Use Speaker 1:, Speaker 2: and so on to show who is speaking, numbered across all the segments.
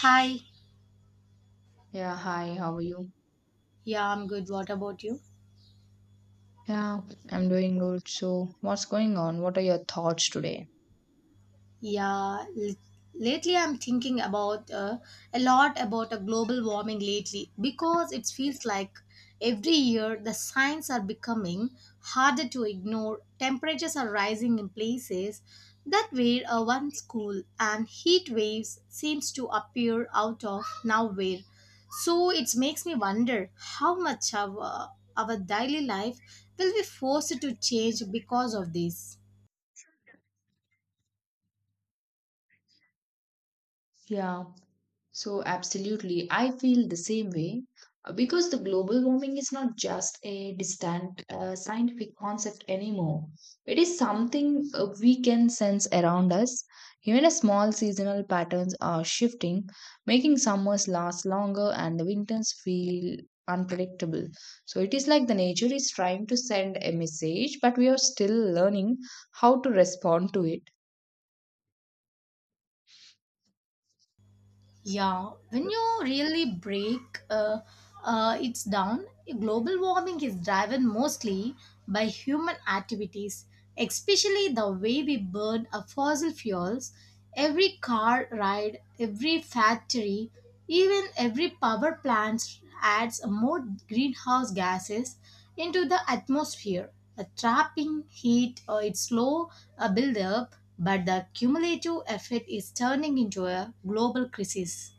Speaker 1: Hi.
Speaker 2: Yeah, hi, how are you?
Speaker 1: Yeah, I'm good. What about you?
Speaker 2: Yeah, I'm doing good. So, what's going on? What are your thoughts today?
Speaker 1: Yeah, lately I'm thinking about a lot about a global warming lately because it feels like every year the signs are becoming harder to ignore. Temperatures are rising in places that were once cool and heat waves seems to appear out of nowhere. So it makes me wonder how much of our daily life will be forced to change because of this.
Speaker 2: Yeah. So, absolutely, I feel the same way because the global warming is not just a distant scientific concept anymore. It is something we can sense around us. Even a small seasonal patterns are shifting, making summers last longer and the winters feel unpredictable. So, it is like the nature is trying to send a message, but we are still learning how to respond to it.
Speaker 1: Yeah, when you really break it's down, global warming is driven mostly by human activities, especially the way we burn our fossil fuels. Every car ride, every factory, even every power plant adds more greenhouse gases into the atmosphere, trapping heat. Its slow buildup, but the cumulative effect is turning into a global crisis.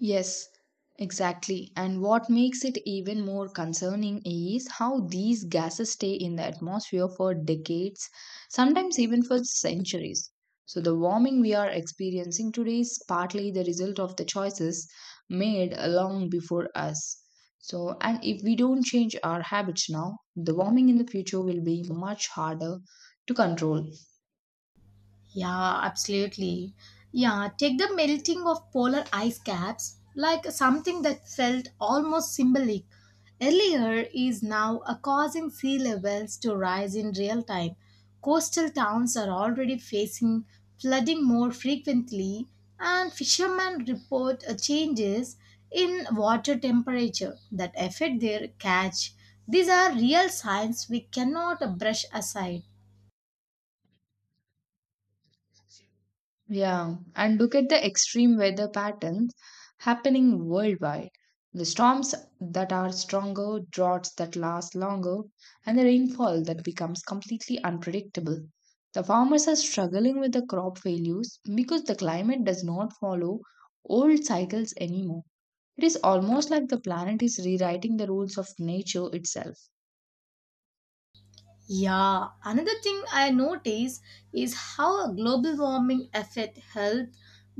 Speaker 2: Yes, exactly. And what makes it even more concerning is how these gases stay in the atmosphere for decades, sometimes even for centuries. So, the warming we are experiencing today is partly the result of the choices made long before us. So, and if we don't change our habits now, the warming in the future will be much harder to control.
Speaker 1: Yeah, absolutely. Yeah, take the melting of polar ice caps like something that felt almost symbolic. Earlier is now causing sea levels to rise in real time. Coastal towns are already facing flooding more frequently, and fishermen report changes in water temperature that affect their catch. These are real signs we cannot brush aside.
Speaker 2: Yeah, and look at the extreme weather patterns happening worldwide. The storms that are stronger, droughts that last longer, and the rainfall that becomes completely unpredictable. The farmers are struggling with the crop failures because the climate does not follow old cycles anymore. It is almost like the planet is rewriting the rules of nature itself.
Speaker 1: Yeah, another thing I notice is how a global warming affect health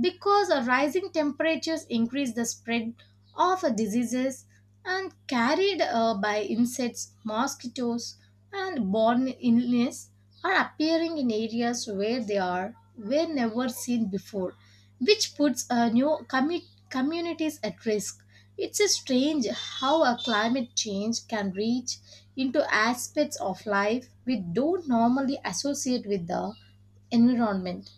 Speaker 1: because a rising temperatures increase the spread of a diseases and carried by insects, mosquitoes and born illness are appearing in areas where they are were never seen before, which puts new communities at risk. It's a strange how a climate change can reach into aspects of life we don't normally associate with the environment.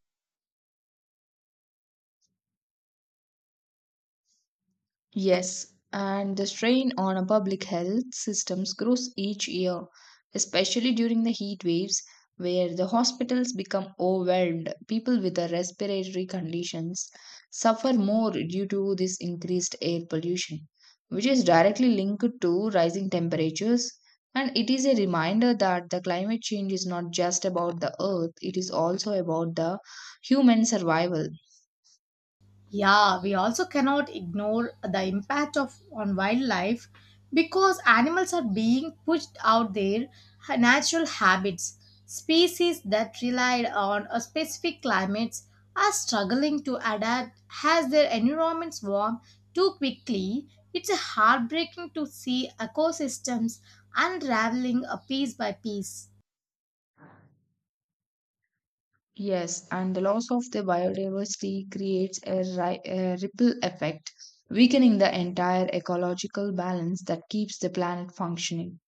Speaker 2: Yes, and the strain on our public health systems grows each year, especially during the heat waves where the hospitals become overwhelmed. People with the respiratory conditions suffer more due to this increased air pollution, which is directly linked to rising temperatures. And it is a reminder that the climate change is not just about the earth, it is also about the human survival.
Speaker 1: Yeah, we also cannot ignore the impact of on wildlife because animals are being pushed out their natural habits. Species that relied on a specific climates are struggling to adapt as their environments warm too quickly. It's heartbreaking to see ecosystems unraveling a piece by piece.
Speaker 2: Yes, and the loss of the biodiversity creates a ripple effect, weakening the entire ecological balance that keeps the planet functioning.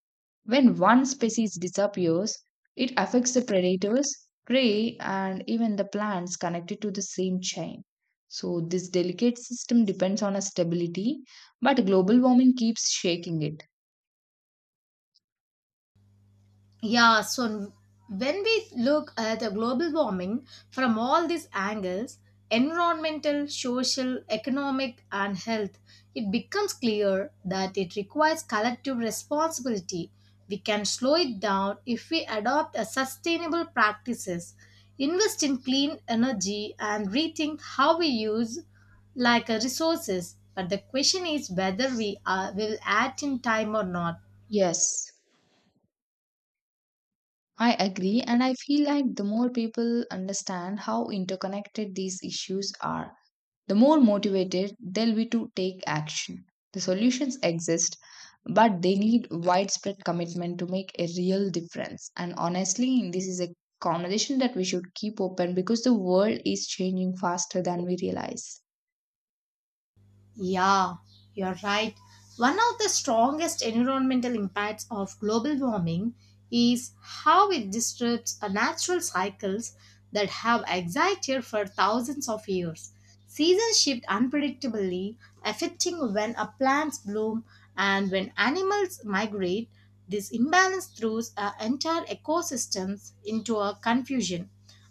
Speaker 2: When one species disappears, it affects the predators, prey, and even the plants connected to the same chain. So, this delicate system depends on a stability, but global warming keeps shaking it.
Speaker 1: Yeah, so when we look at the global warming from all these angles environmental, social, economic, and health it becomes clear that it requires collective responsibility. We can slow it down if we adopt a sustainable practices, invest in clean energy, and rethink how we use like resources. But the question is whether we are, will act in time or not.
Speaker 2: Yes, I agree, and I feel like the more people understand how interconnected these issues are, the more motivated they'll be to take action. The solutions exist, but they need widespread commitment to make a real difference. And honestly, this is a conversation that we should keep open because the world is changing faster than we realize.
Speaker 1: Yeah, you're right. One of the strongest environmental impacts of global warming is how it disrupts natural cycles that have existed for thousands of years. Seasons shift unpredictably, affecting when a plants bloom and when animals migrate. This imbalance throws entire ecosystems into a confusion,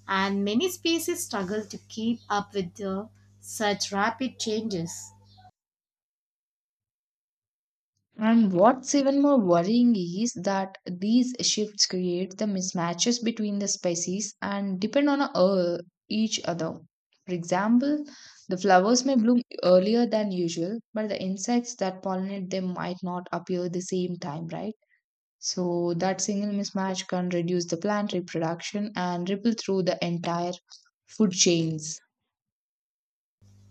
Speaker 1: and many species struggle to keep up with the, such rapid changes.
Speaker 2: And what's even more worrying is that these shifts create the mismatches between the species and depend on each other. For example, the flowers may bloom earlier than usual, but the insects that pollinate them might not appear the same time, right? So that single mismatch can reduce the plant reproduction and ripple through the entire food chains.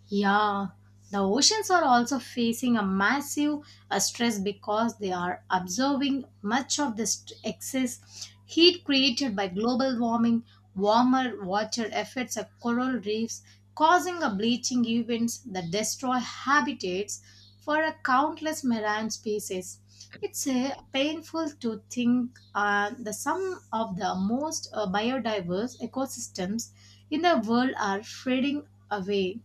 Speaker 1: Yeah, the oceans are also facing a massive stress because they are absorbing much of the excess heat created by global warming. Warmer water affects the coral reefs, causing a bleaching events that destroy habitats for a countless marine species. It's painful to think that some of the most biodiverse ecosystems in the world are fading away.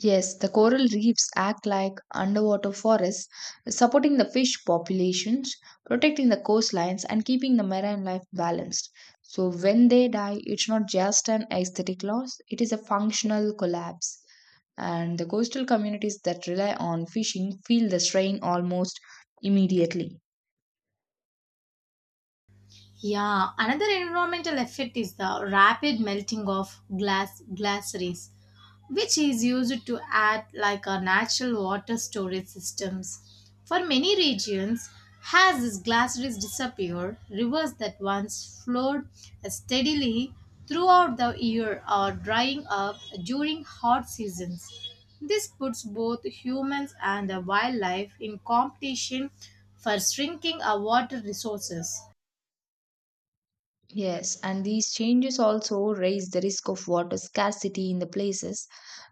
Speaker 2: Yes, the coral reefs act like underwater forests, supporting the fish populations, protecting the coastlines, and keeping the marine life balanced. So, when they die, it's not just an aesthetic loss, it is a functional collapse. And the coastal communities that rely on fishing feel the strain almost immediately.
Speaker 1: Yeah, another environmental effect is the rapid melting of glass glaciers, which is used to act like a natural water storage systems. For many regions, as these glaciers disappear, rivers that once flowed steadily throughout the year are drying up during hot seasons. This puts both humans and the wildlife in competition for shrinking our water resources.
Speaker 2: Yes, and these changes also raise the risk of water scarcity in the places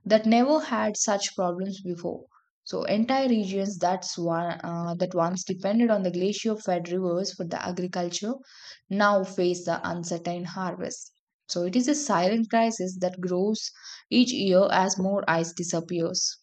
Speaker 2: that never had such problems before. So, entire regions that's one, that once depended on the glacier fed rivers for the agriculture now face the uncertain harvest. So, it is a silent crisis that grows each year as more ice disappears.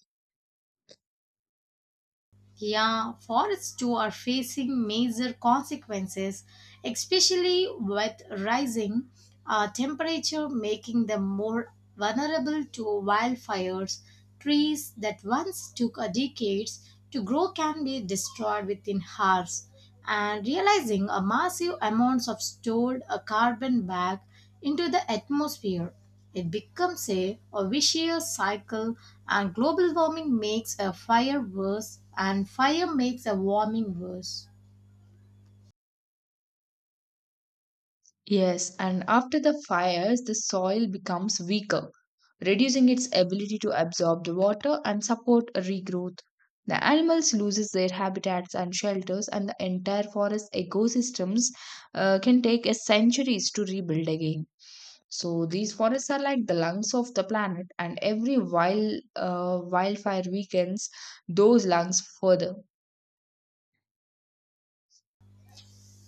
Speaker 1: Yeah, forests too are facing major consequences, especially with rising temperature, making them more vulnerable to wildfires. Trees that once took a decades to grow can be destroyed within hours. And realizing a massive amounts of stored carbon back into the atmosphere. It becomes a vicious cycle, and global warming makes a fire worse, and fire makes a warming worse.
Speaker 2: Yes, and after the fires, the soil becomes weaker, reducing its ability to absorb the water and support a regrowth. The animals loses their habitats and shelters, and the entire forest ecosystems can take a centuries to rebuild again. So these forests are like the lungs of the planet, and every wildfire weakens those lungs further.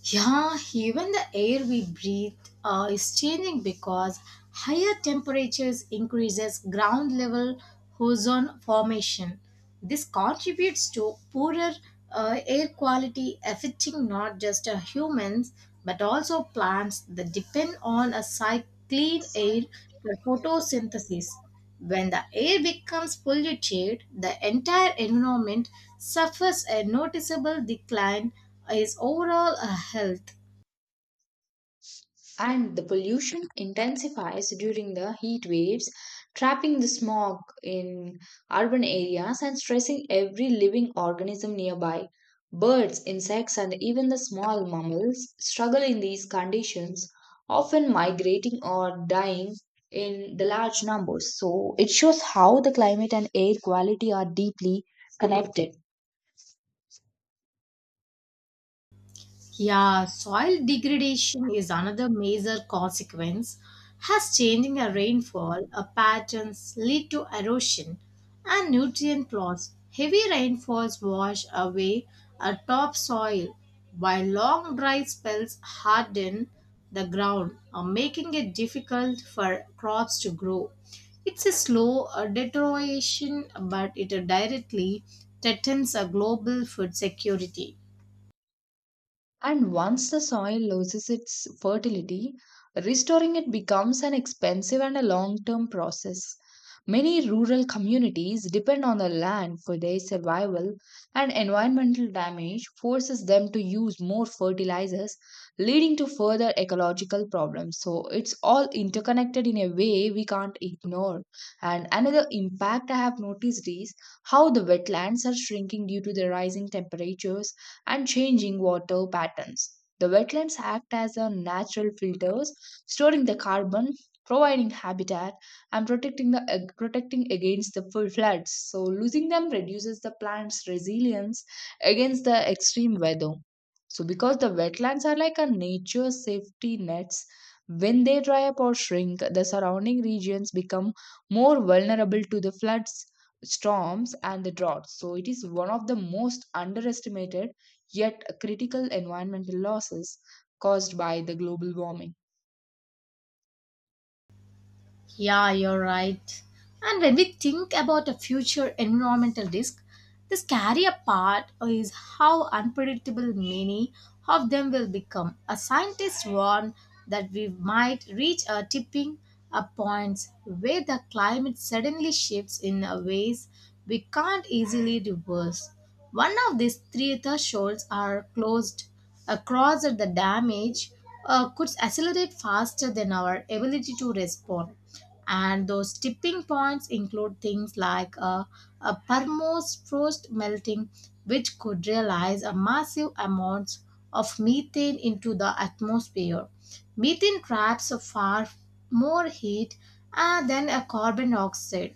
Speaker 1: Yeah, even the air we breathe is changing because higher temperatures increases ground level ozone formation. This contributes to poorer air quality affecting not just humans but also plants that depend on a clean air for photosynthesis. When the air becomes polluted, the entire environment suffers a noticeable decline in overall health.
Speaker 2: And the pollution intensifies during the heat waves, trapping the smog in urban areas and stressing every living organism nearby. Birds, insects, and even the small mammals struggle in these conditions, often migrating or dying in the large numbers. So, it shows how the climate and air quality are deeply connected.
Speaker 1: Yeah, soil degradation is another major consequence as changing a rainfall patterns lead to erosion and nutrient loss. Heavy rainfalls wash away a topsoil while long dry spells harden the ground, making it difficult for crops to grow. It's a slow deterioration, but it directly threatens a global food security.
Speaker 2: And once the soil loses its fertility, restoring it becomes an expensive and a long term process. Many rural communities depend on the land for their survival, and environmental damage forces them to use more fertilizers, leading to further ecological problems. So, it's all interconnected in a way we can't ignore. And another impact I have noticed is how the wetlands are shrinking due to the rising temperatures and changing water patterns. The wetlands act as a natural filters, storing the carbon, providing habitat, and protecting protecting against the full floods. So losing them reduces the plant's resilience against the extreme weather. So because the wetlands are like a nature safety nets, when they dry up or shrink, the surrounding regions become more vulnerable to the floods, storms, and the droughts. So it is one of the most underestimated yet critical environmental losses caused by the global warming.
Speaker 1: Yeah, you're right. And when we think about a future environmental risk, the scarier part is how unpredictable many of them will become. A scientist warned that we might reach a tipping a point where the climate suddenly shifts in a ways we can't easily reverse. One of these three thresholds are closed across the damage could accelerate faster than our ability to respond and those tipping points include things like a permos frost melting which could realize a massive amounts of methane into the atmosphere methane traps far more heat than a carbon dioxide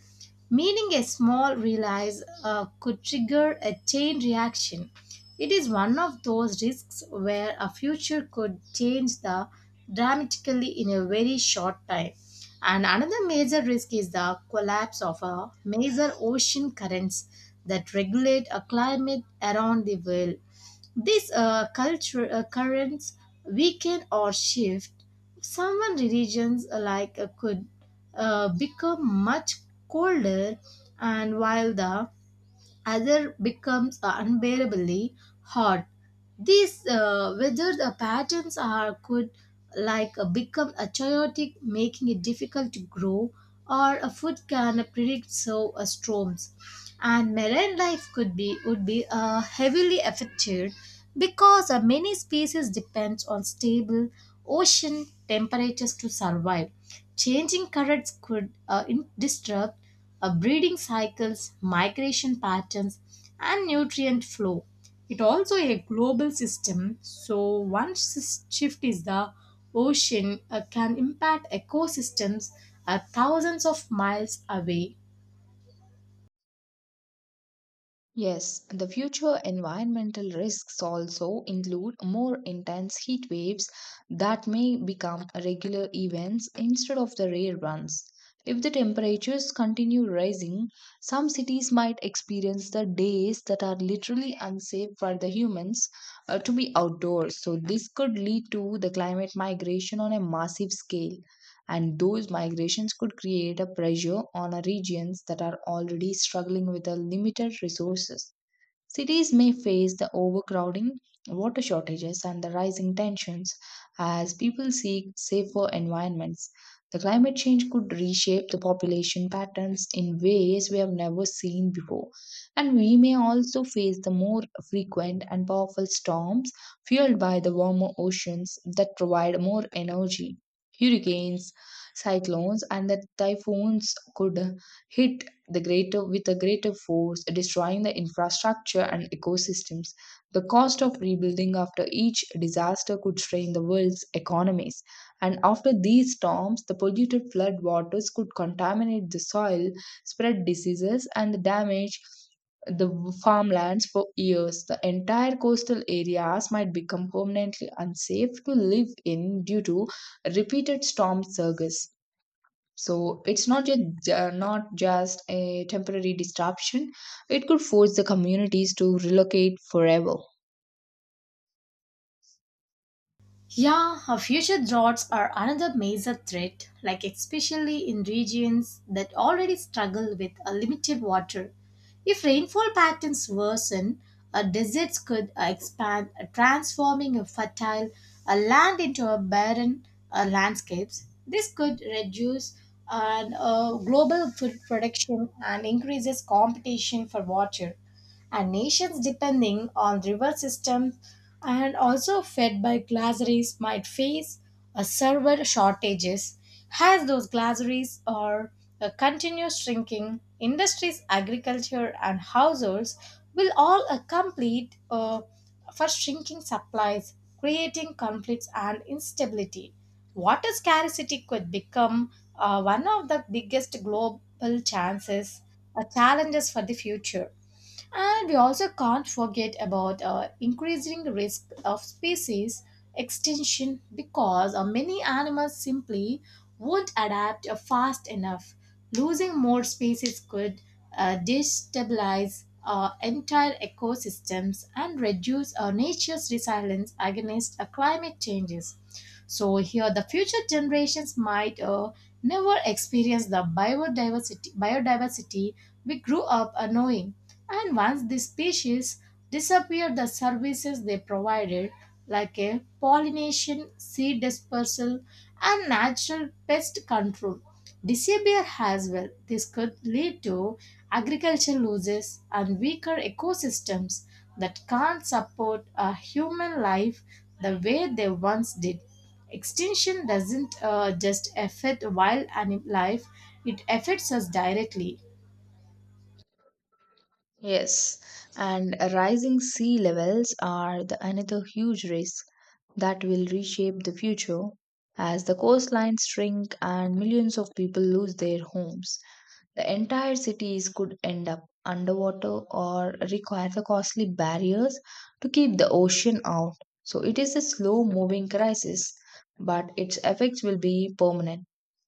Speaker 1: meaning a small release could trigger a chain reaction it is one of those risks where a future could change the dramatically in a very short time. And another major risk is the collapse of a major ocean currents that regulate a climate around the world. These culture currents weaken or shift. Some regions like could become much colder, and while the other becomes unbearably hot. These weather the patterns are could like become a chaotic, making it difficult to grow, or a food can predict so storms. And marine life could be would be heavily affected because many species depends on stable ocean temperatures to survive. Changing currents could disrupt breeding cycles, migration patterns, and nutrient flow. It also a global system, so one shift is the ocean can impact ecosystems thousands of miles away.
Speaker 2: Yes, the future environmental risks also include more intense heat waves that may become regular events instead of the rare ones. If the temperatures continue rising, some cities might experience the days that are literally unsafe for the humans to be outdoors. So, this could lead to the climate migration on a massive scale. And those migrations could create a pressure on a regions that are already struggling with a limited resources. Cities may face the overcrowding, water shortages, and the rising tensions as people seek safer environments. The climate change could reshape the population patterns in ways we have never seen before. And we may also face the more frequent and powerful storms fueled by the warmer oceans that provide more energy. Hurricanes, cyclones, and the typhoons could hit the greater with a greater force, destroying the infrastructure and ecosystems. The cost of rebuilding after each disaster could strain the world's economies. And after these storms, the polluted flood waters could contaminate the soil, spread diseases, and damage the farmlands for years. The entire coastal areas might become permanently unsafe to live in due to repeated storm surges. So it's not just a temporary disruption. It could force the communities to relocate forever.
Speaker 1: Yeah, our future droughts are another major threat, like especially in regions that already struggle with a limited water. If rainfall patterns worsen, deserts could expand, transforming a fertile land into a barren landscapes. This could reduce and global food production and increases competition for water and nations depending on river systems and also fed by glaciers might face a severe shortages as those glaciers are continuous shrinking industries agriculture and households will all complete for shrinking supplies creating conflicts and instability water scarcity could become one of the biggest global chances challenges for the future and we also can't forget about increasing risk of species extinction because many animals simply won't adapt fast enough. Losing more species could destabilize entire ecosystems and reduce nature's resilience against climate changes. So here, the future generations might never experience the biodiversity we grew up knowing. And once these species disappear, the services they provided, like a pollination, seed dispersal, and natural pest control, disappear as well. This could lead to agricultural losses and weaker ecosystems that can't support a human life the way they once did. Extinction doesn't just affect wild animal life, it affects us directly.
Speaker 2: Yes, and rising sea levels are the another huge risk that will reshape the future as the coastlines shrink and millions of people lose their homes. The entire cities could end up underwater or require the costly barriers to keep the ocean out. So it is a slow moving crisis, but its effects will be permanent,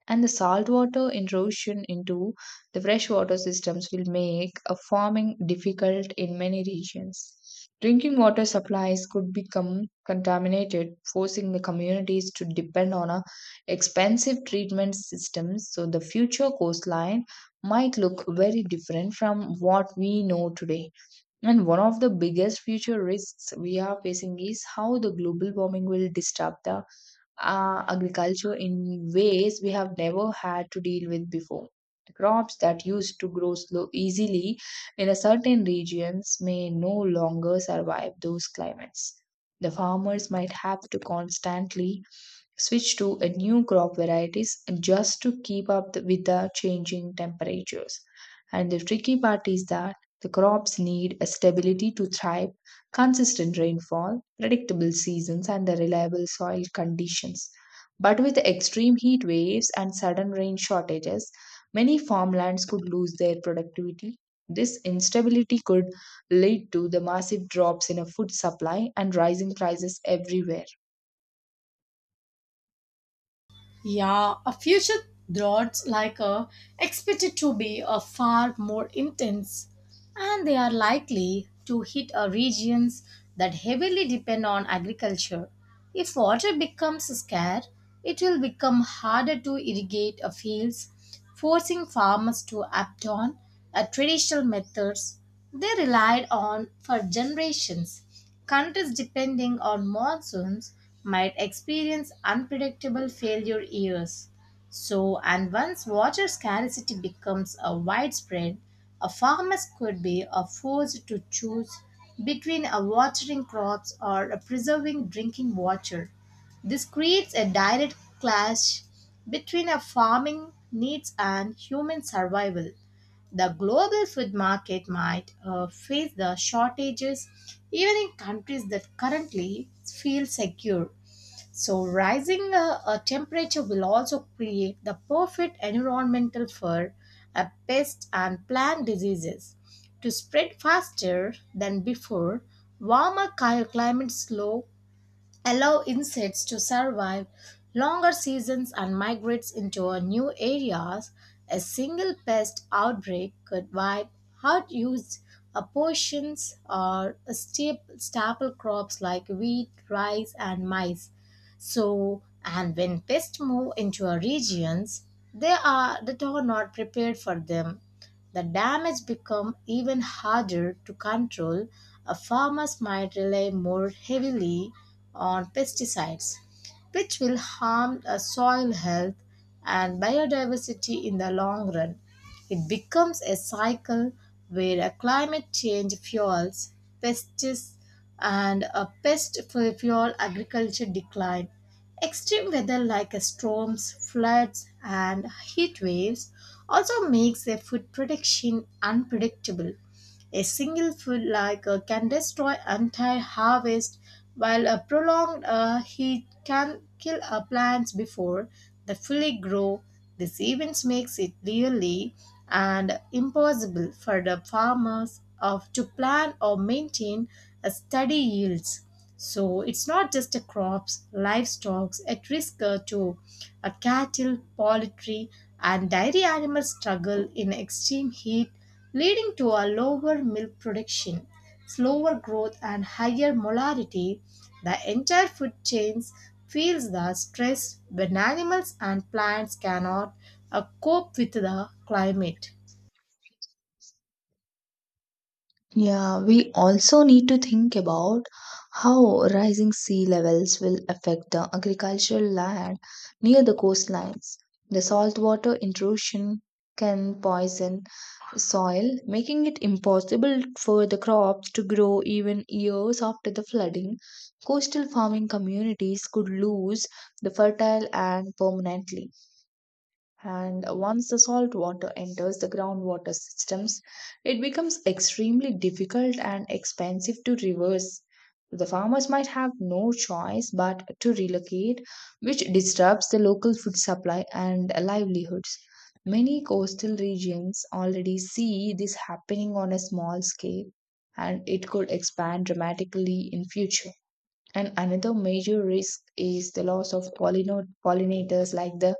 Speaker 2: and the saltwater intrusion into the freshwater systems will make a farming difficult in many regions. Drinking water supplies could become contaminated, forcing the communities to depend on a expensive treatment systems. So the future coastline might look very different from what we know today. And one of the biggest future risks we are facing is how the global warming will disrupt the agriculture in ways we have never had to deal with before. Crops that used to grow slow easily in a certain regions may no longer survive those climates. The farmers might have to constantly switch to a new crop varieties just to keep with the changing temperatures. And the tricky part is that the crops need a stability to thrive, consistent rainfall, predictable seasons, and the reliable soil conditions. But with extreme heat waves and sudden rain shortages, many farmlands could lose their productivity. This instability could lead to the massive drops in a food supply and rising prices everywhere.
Speaker 1: Yeah, a future droughts like a expected to be a far more intense, and they are likely to hit a regions that heavily depend on agriculture. If water becomes scarce, it will become harder to irrigate a fields, forcing farmers to adopt on a traditional methods they relied on for generations. Countries depending on monsoons might experience unpredictable failure years. So, and once water scarcity becomes a widespread, a farmers could be a forced to choose between a watering crops or a preserving drinking water. This creates a direct clash between a farming needs and human survival. The global food market might face the shortages even in countries that currently feel secure. So, rising temperature will also create the perfect environmental for pests and plant diseases to spread faster than before. Warmer climates slow allow insects to survive longer seasons and migrates into a new areas. A single pest outbreak could wipe out used portions or staple crops like wheat, rice, and maize. So, and when pests move into our regions, they are that are not prepared for them the damage becomes even harder to control. Farmers might rely more heavily on pesticides, which will harm the soil health and biodiversity in the long run. It becomes a cycle where a climate change fuels pests and a pest fuel agriculture decline. Extreme weather like storms, floods, and heat waves also makes their food production unpredictable. A single full like can destroy entire harvest, while a prolonged heat can kill plants before they fully grow. This event makes it really and impossible for the farmers of to plan or maintain a steady yields. So it's not just the crops, livestock at risk too. A cattle, poultry, and dairy animals struggle in extreme heat leading to a lower milk production, slower growth, and higher molarity. The entire food chain feels the stress when animals and plants cannot cope with the climate.
Speaker 2: Yeah, we also need to think about how rising sea levels will affect the agricultural land near the coastlines. The saltwater intrusion can poison soil, making it impossible for the crops to grow even years after the flooding. Coastal farming communities could lose the fertile and permanently. And once the salt water enters the groundwater systems, it becomes extremely difficult and expensive to reverse. The farmers might have no choice but to relocate, which disrupts the local food supply and livelihoods. Many coastal regions already see this happening on a small scale, and it could expand dramatically in future. And another major risk is the loss of pollinators like the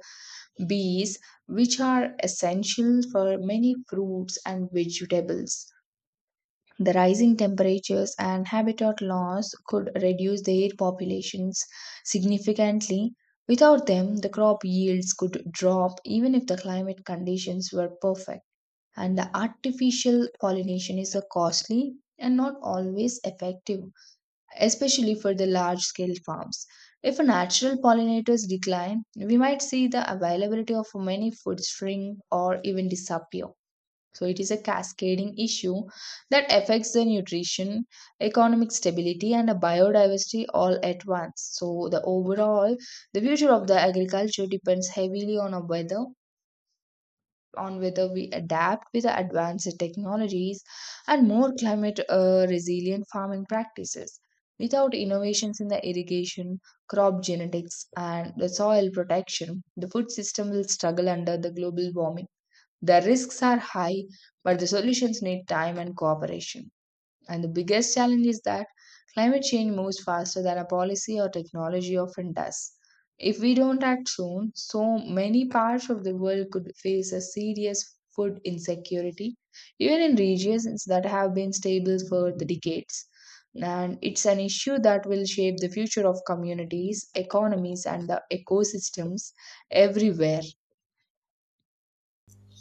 Speaker 2: bees, which are essential for many fruits and vegetables. The rising temperatures and habitat loss could reduce their populations significantly. Without them, the crop yields could drop even if the climate conditions were perfect. And the artificial pollination is a costly and not always effective especially for the large scale farms. If natural pollinators decline, we might see the availability of many food shrink or even disappear. So, it is a cascading issue that affects the nutrition, economic stability, and the biodiversity all at once. So, the overall, the future of the agriculture depends heavily on a weather, on whether we adapt with the advanced technologies and more climate resilient farming practices. Without innovations in the irrigation, crop genetics, and the soil protection, the food system will struggle under the global warming. The risks are high, but the solutions need time and cooperation. And the biggest challenge is that climate change moves faster than a policy or technology often does. If we don't act soon, so many parts of the world could face a serious food insecurity, even in regions that have been stable for the decades. And it's an issue that will shape the future of communities, economies, and the ecosystems everywhere.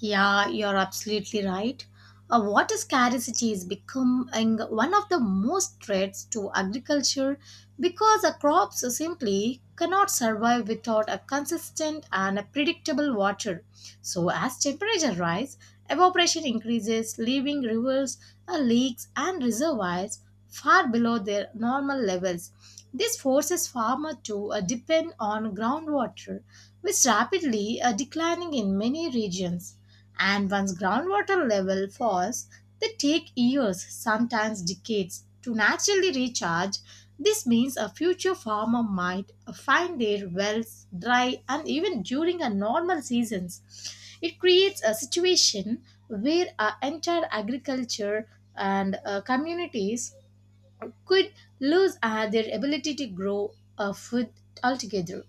Speaker 1: Yeah, you're absolutely right. Water scarcity is becoming one of the most threats to agriculture because crops simply cannot survive without a consistent and a predictable water. So, as temperature rise, evaporation increases, leaving rivers, lakes, and reservoirs far below their normal levels. This forces farmers to depend on groundwater, which is rapidly declining in many regions. And once groundwater level falls, they take years, sometimes decades, to naturally recharge. This means a future farmer might find their wells dry and even during a normal seasons. It creates a situation where our entire agriculture and communities could lose their ability to grow food altogether.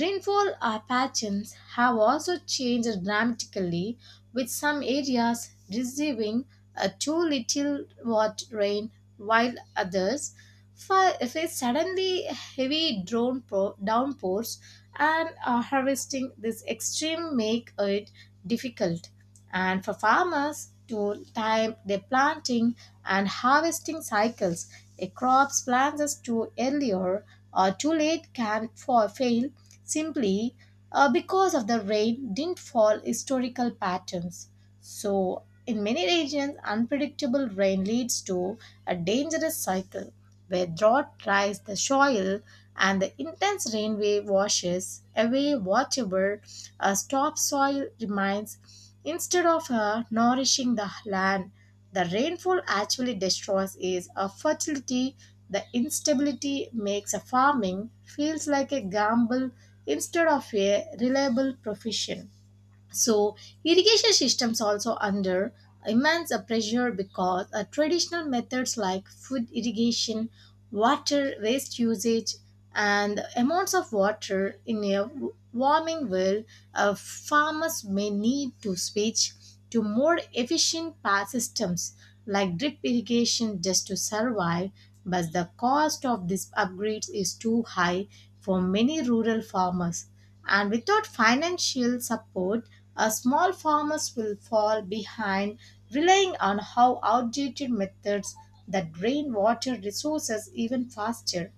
Speaker 1: Rainfall patterns have also changed dramatically, with some areas receiving too little what rain, while others face suddenly heavy drone downpours, and harvesting this extreme make it difficult and for farmers to time their planting and harvesting cycles. A crop's plants too earlier or too late can fail simply because of the rain didn't fall historical patterns. So, in many regions, unpredictable rain leads to a dangerous cycle where drought dries the soil and the intense rain wave washes away whatever topsoil remains. Instead of nourishing the land, the rainfall actually destroys its fertility. The instability makes a farming feels like a gamble instead of a reliable profession. So irrigation systems also under immense pressure because traditional methods like food irrigation, water waste usage, and the amounts of water in a warming will, farmers may need to switch to more efficient power systems like drip irrigation just to survive. But the cost of these upgrades is too high for many rural farmers, and without financial support, small farmers will fall behind, relying on how outdated methods that drain water resources even faster.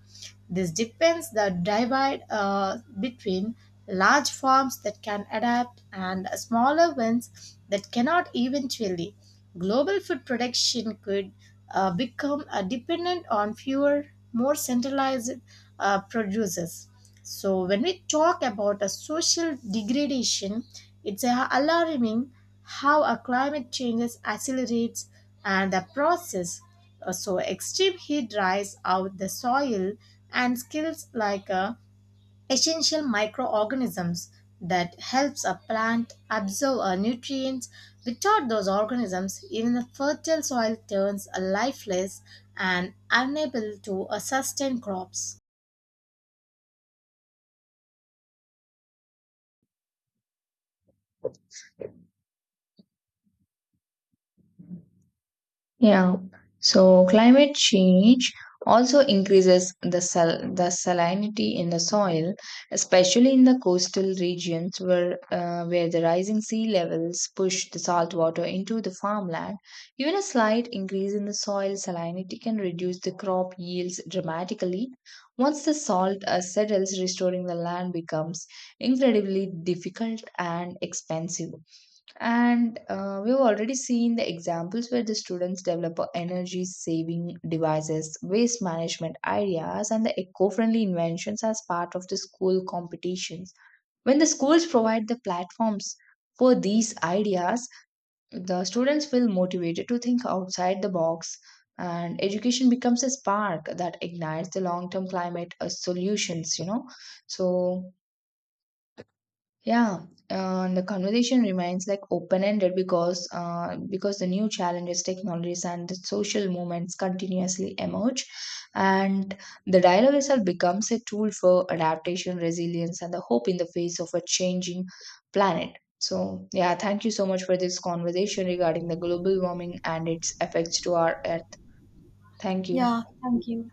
Speaker 1: This depends the divide between large farms that can adapt and smaller ones that cannot eventually. Global food production could become dependent on fewer, more centralized producers. So when we talk about a social degradation, it's alarming how a climate changes accelerates and the process. So extreme heat dries out the soil and kills like essential microorganisms that helps a plant absorb nutrients. Without those organisms, even the fertile soil turns lifeless and unable to sustain crops.
Speaker 2: Yeah. So climate change also increases the salinity in the soil, especially in the coastal regions where the rising sea levels push the salt water into the farmland. Even a slight increase in the soil salinity can reduce the crop yields dramatically. Once the salt settles, restoring the land becomes incredibly difficult and expensive. And we've already seen the examples where the students develop a energy saving devices, waste management ideas, and the eco friendly inventions as part of the school competitions. When the schools provide the platforms for these ideas, the students feel motivated to think outside the box, and education becomes a spark that ignites the long term climate solutions, you know. So, yeah, and the conversation remains like open-ended because the new challenges, technologies, and the social movements continuously emerge, and the dialogue itself becomes a tool for adaptation, resilience, and the hope in the face of a changing planet. So, yeah, thank you so much for this conversation regarding the global warming and its effects to our Earth. Thank you.
Speaker 1: Yeah, thank you.